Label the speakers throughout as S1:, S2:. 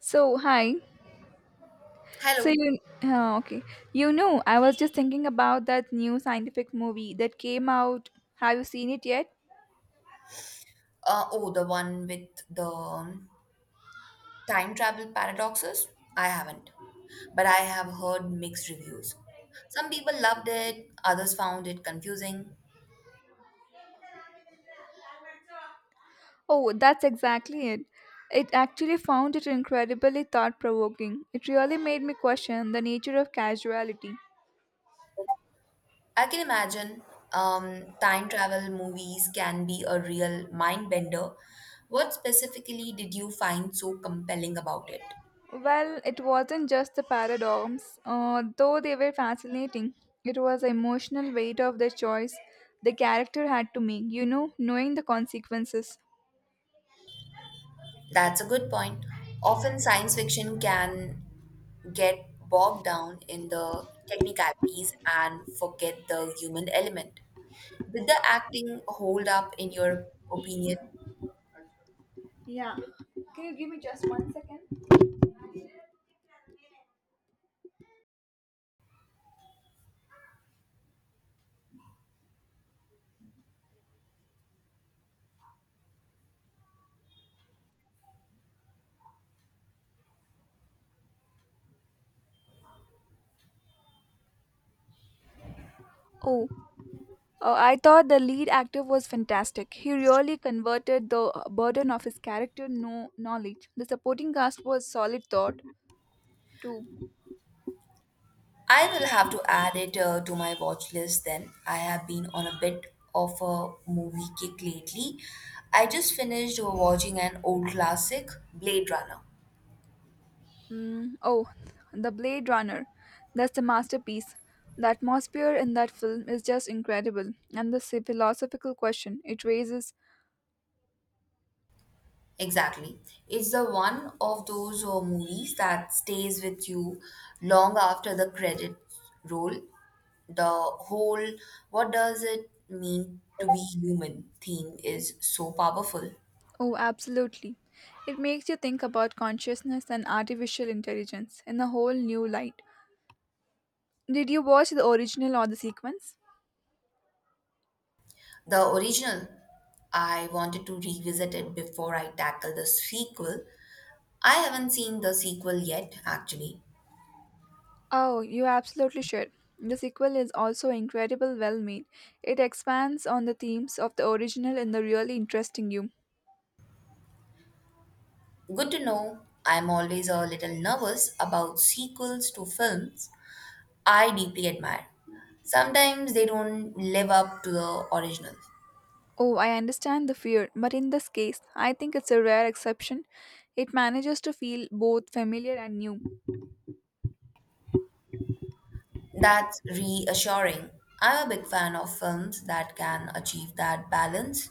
S1: So, hi. So
S2: Hello.
S1: you okay. You know, I was just thinking about that new scientific movie that came out. Have you seen it yet?
S2: Oh, the one with the time travel paradoxes? I haven't, but I have heard mixed reviews. Some people loved it, others found it confusing.
S1: Oh, that's exactly it. It actually found it incredibly thought-provoking. It really made me question the nature of casuality.
S2: I can imagine time travel movies can be a real mind bender. What specifically did you find so compelling about it?
S1: Well, it wasn't just the paradox, though they were fascinating. It was the emotional weight of the choice the character had to make, you know, knowing the consequences.
S2: That's a good point. Often science fiction can get bogged down in the technicalities and forget the human element. Did the acting hold up in your opinion?
S1: Yeah. Can you give me just 1 second? Oh, I thought the lead actor was fantastic. He really converted the burden of his character no knowledge. The supporting cast was solid thought too.
S2: I will have to add it to my watch list then. I have been on a bit of a movie kick lately. I just finished watching an old classic, Blade Runner.
S1: Mm, oh, the Blade Runner. That's a masterpiece. The atmosphere in that film is just incredible, and the philosophical question it raises.
S2: Exactly. It's the one of those movies that stays with you long after the credit roll. The whole what does it mean to be human theme is so powerful.
S1: Oh, absolutely. It makes you think about consciousness and artificial intelligence in a whole new light. Did you watch the original or the sequence?
S2: The original, I wanted to revisit it before I tackle the sequel. I haven't seen the sequel yet, actually.
S1: Oh, you absolutely should. The sequel is also incredible well made. It expands on the themes of the original in the really interesting you.
S2: Good to know. I'm always a little nervous about sequels to films I deeply admire. Sometimes they don't live up to the original.
S1: Oh, I understand the fear, but in this case, I think it's a rare exception. It manages to feel both familiar and new.
S2: That's reassuring. I'm a big fan of films that can achieve that balance.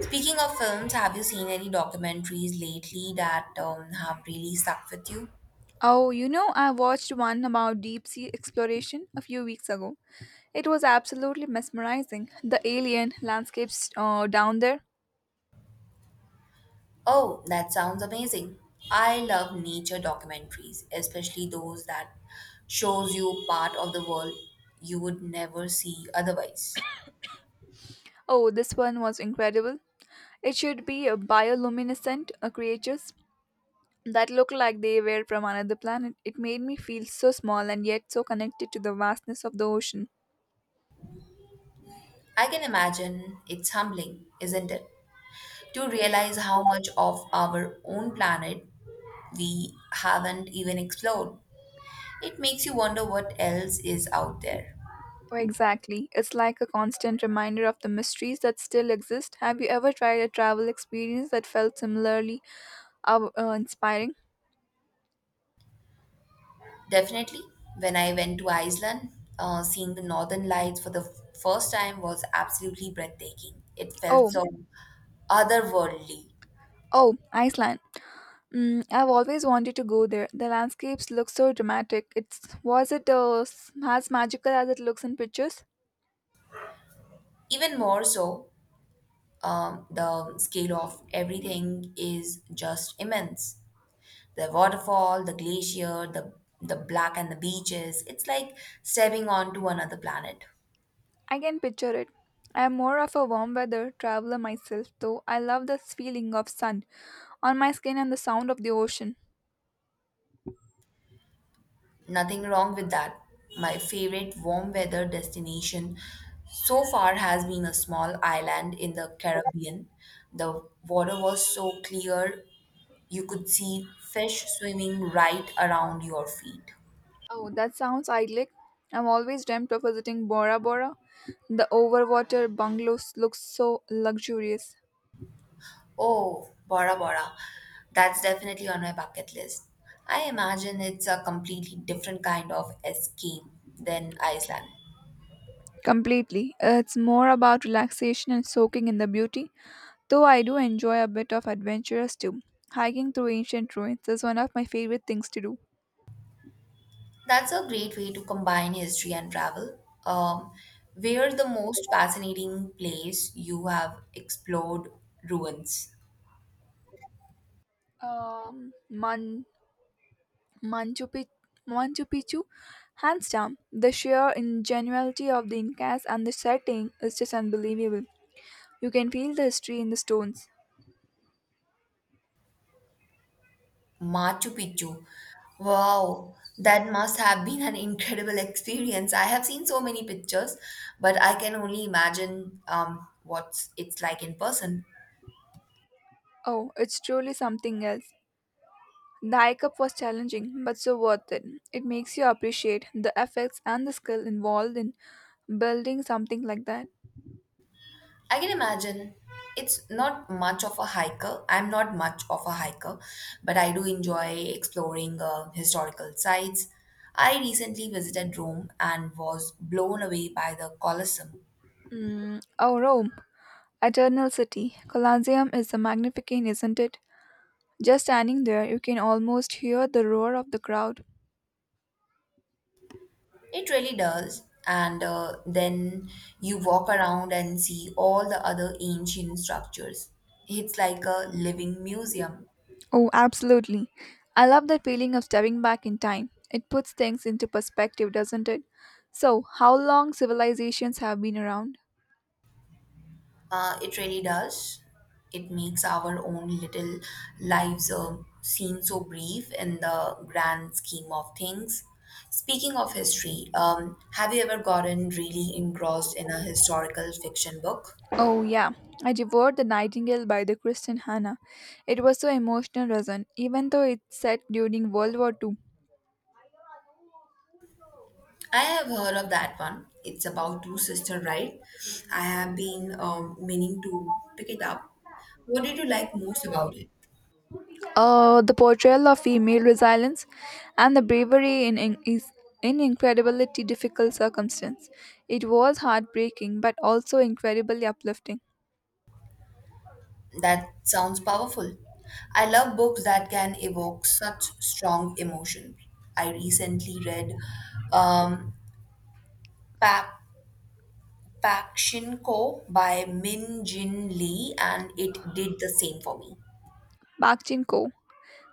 S2: Speaking of films, have you seen any documentaries lately that have really stuck with you?
S1: Oh, you know, I watched one about deep sea exploration a few weeks ago. It was absolutely mesmerizing. The alien landscapes down there.
S2: Oh, that sounds amazing. I love nature documentaries, especially those that shows you part of the world you would never see otherwise.
S1: Oh, this one was incredible. It should be a bioluminescent creatures that looked like they were from another planet. It made me feel so small and yet so connected to the vastness of the ocean.
S2: I can imagine it's humbling, isn't it, to realize how much of our own planet we haven't even explored. It makes you wonder what else is out there.
S1: Oh, exactly. It's like a constant reminder of the mysteries that still exist. Have you ever tried a travel experience that felt similarly inspiring?
S2: Definitely, when I went to Iceland, seeing the northern lights for the first time was absolutely breathtaking. It felt
S1: Oh,
S2: so otherworldly.
S1: oh, Iceland. I've always wanted to go there. The landscapes look so dramatic. It's was it as magical as it looks in pictures?
S2: Even more so, the scale of everything is just immense. The waterfall, the glacier, the black and the beaches. It's like stepping onto another planet.
S1: I can picture it. I am more of a warm weather traveler myself, though I love the feeling of sun on my skin and the sound of the ocean.
S2: Nothing wrong with that. My favorite warm weather destination so far has been a small island in the Caribbean. The water was so clear you could see fish swimming right around your feet.
S1: Oh, that sounds idyllic. I've always dreamt of visiting Bora Bora. The overwater bungalows look so luxurious.
S2: Oh, Bora Bora. That's definitely on my bucket list. I imagine it's a completely different kind of escape than Iceland.
S1: Completely. It's more about relaxation and soaking in the beauty, though I do enjoy a bit of adventurous too. Hiking through ancient ruins is one of my favorite things to do.
S2: That's a great way to combine history and travel. Um, where the most fascinating place you have explored ruins?
S1: Man. Machu Picchu, Machu Picchu, hands down. The sheer ingenuity of the Incas and the setting is just unbelievable. You can feel the history in the stones.
S2: Machu Picchu. Wow, that must have been an incredible experience. I have seen so many pictures, but I can only imagine what it's like in person.
S1: Oh, it's truly something else. The hike up was challenging, but so worth it. It makes you appreciate the effects and the skill involved in building something like that.
S2: I can imagine it's not much of a hiker. I'm not much of a hiker, but I do enjoy exploring historical sites. I recently visited Rome and was blown away by the Colosseum.
S1: Mm. Oh, Rome, Eternal City. Colosseum is a magnificent, isn't it? Just standing there, you can almost hear the roar of the crowd.
S2: It really does. And then you walk around and see all the other ancient structures. It's like a living museum.
S1: Oh, absolutely. I love that feeling of stepping back in time. It puts things into perspective, doesn't it? So, how long civilizations have been around?
S2: It really does. It makes our own little lives seem so brief in the grand scheme of things. Speaking of history, have you ever gotten really engrossed in a historical fiction book?
S1: Oh, yeah. I devoured The Nightingale by the Christian Hannah. It was so emotional, wasn't even though it's set during World War II.
S2: I have heard of that one. It's about two sister, right? I have been meaning to pick it up. What did you like most about it?
S1: The portrayal of female resilience and the bravery in incredibility difficult circumstance. It was heartbreaking but also incredibly uplifting.
S2: That sounds powerful. I love books that can evoke such strong emotion. I recently read um, pa- Pakshin Ko by Min Jin Lee, and it did the same for me.
S1: Park Chin Ko.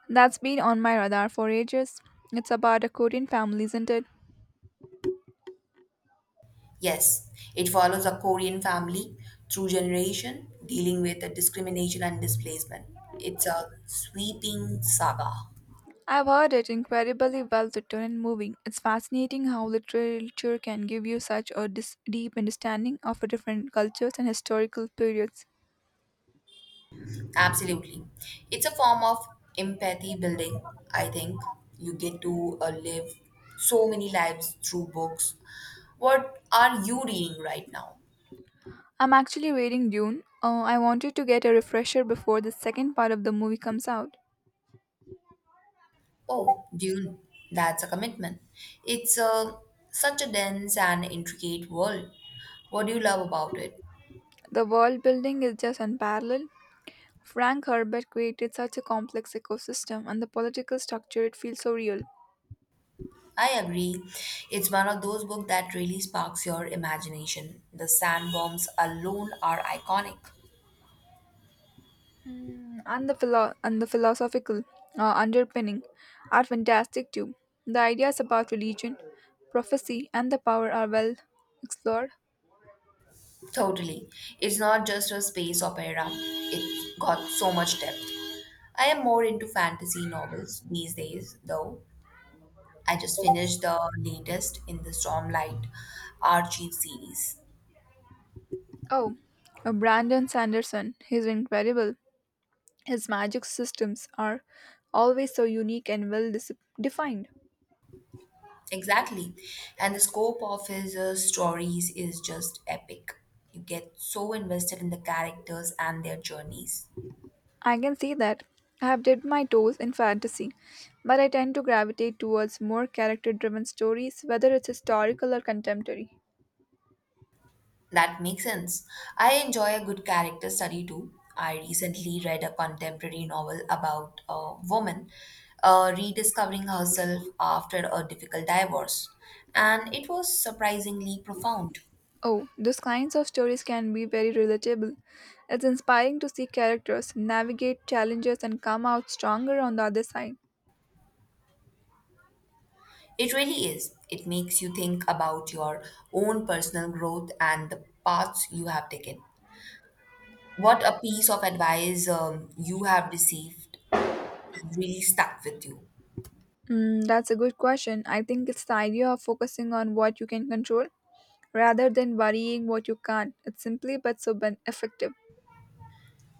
S1: That's been on my radar for ages. It's about a Korean family, isn't it?
S2: Yes, it follows a Korean family through generation dealing with the discrimination and displacement. It's a sweeping saga.
S1: I've heard it incredibly well written and moving. It's fascinating how literature can give you such a deep understanding of different cultures and historical periods.
S2: Absolutely. It's a form of empathy building, I think. You get to live so many lives through books. What are you reading right now?
S1: I'm actually reading Dune. Oh, I wanted to get a refresher before the second part of the movie comes out.
S2: Oh, Dune. That's a commitment. It's a, Such a dense and intricate world. What do you love about it?
S1: The world building is just unparalleled. Frank Herbert created such a complex ecosystem and the political structure, it feels so real.
S2: I agree. It's one of those books that really sparks your imagination. The sandworms alone are iconic.
S1: And the philosophical underpinning are fantastic too. The ideas about religion, prophecy, and the power are well explored.
S2: Totally. It's not just a space opera, it's got so much depth. I am more into fantasy novels these days, though. I just finished the latest in the Stormlight Archive series.
S1: Oh, Brandon Sanderson, he's incredible. His magic systems are always so unique and defined.
S2: Exactly. And the scope of his stories is just epic. You get so invested in the characters and their journeys.
S1: I can see that. I have dipped my toes in fantasy, but I tend to gravitate towards more character driven stories, whether it's historical or contemporary.
S2: That makes sense. I enjoy a good character study too. I recently read a contemporary novel about a woman rediscovering herself after a difficult divorce, and it was surprisingly profound.
S1: Oh, those kinds of stories can be very relatable. It's inspiring to see characters navigate challenges and come out stronger on the other side.
S2: It really is. It makes you think about your own personal growth and the paths you have taken. What a piece of advice you have received has really stuck with you.
S1: That's a good question. I think it's the idea of focusing on what you can control rather than worrying what you can't. It's simply but so effective.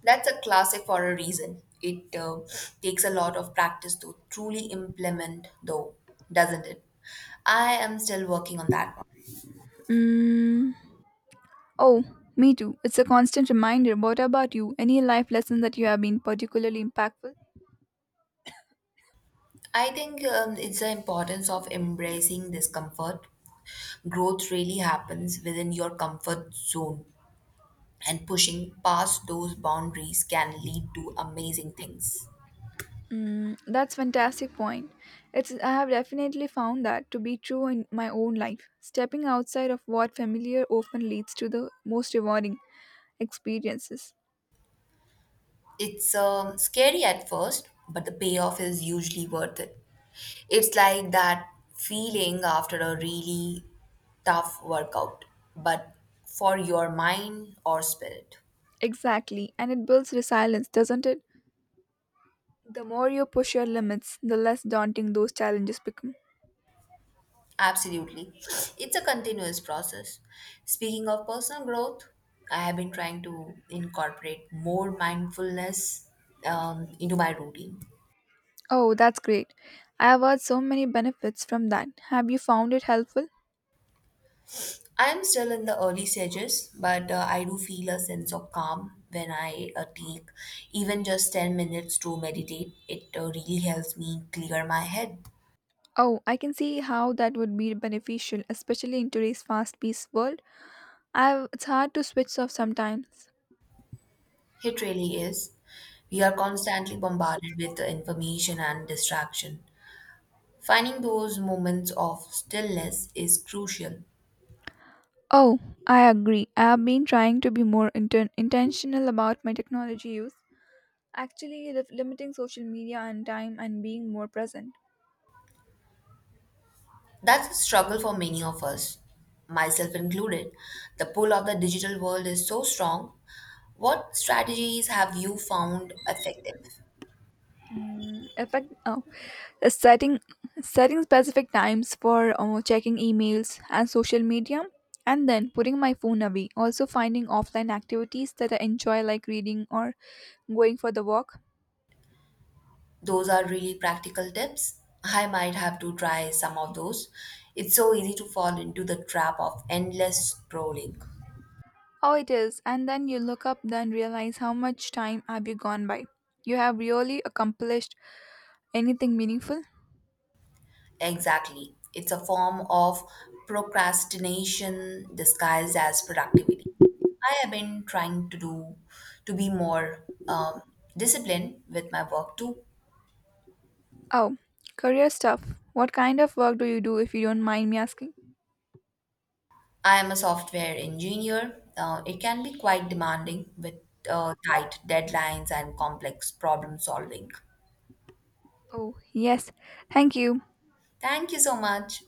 S2: That's a classic for a reason. It takes a lot of practice to truly implement, though, doesn't it? I am still working on that one.
S1: Mm, oh, Me too. It's a constant reminder. What about you? Any life lessons that you have been particularly impactful?
S2: I think it's the importance of embracing discomfort. Growth really happens within your comfort zone, and pushing past those boundaries can lead to amazing things.
S1: That's fantastic point. It's I have definitely found that to be true in my own life. Stepping outside of what familiar often leads to the most rewarding experiences.
S2: It's scary at first, but the payoff is usually worth it. It's like that feeling after a really tough workout, but for your mind or spirit.
S1: Exactly, and it builds resilience, doesn't it? The more you push your limits, the less daunting those challenges become.
S2: Absolutely. It's a continuous process. Speaking of personal growth, I have been trying to incorporate more mindfulness into my routine.
S1: Oh, that's great. I have heard so many benefits from that. Have you found it helpful?
S2: I am still in the early stages, but I do feel a sense of calm when I take even just 10 minutes to meditate. It really helps me clear my head.
S1: Oh, I can see how that would be beneficial, especially in today's fast-paced world. I've, it's hard to switch off sometimes.
S2: It really is. We are constantly bombarded with information and distraction. Finding those moments of stillness is crucial.
S1: Oh, I agree. I have been trying to be more intentional about my technology use, actually limiting social media and time and being more present.
S2: That's a struggle for many of us, myself included. The pull of the digital world is so strong. What strategies have you found effective?
S1: Mm, effect, oh, setting setting specific times for checking emails and social media and then putting my phone away also finding offline activities that I enjoy like reading or going for the walk.
S2: Those are really practical tips. I might have to try some of those. It's so easy to fall into the trap of endless scrolling.
S1: Oh, it is and then you look up then realize how much time have you gone by you have really accomplished anything meaningful?
S2: Exactly. It's a form of procrastination disguised as productivity. I have been trying to be more disciplined with my work too.
S1: Oh, career stuff. What kind of work do you do if you don't mind me asking?
S2: I am a software engineer. It can be quite demanding with tight deadlines and complex problem solving.
S1: Oh, yes. Thank you.
S2: Thank you so much.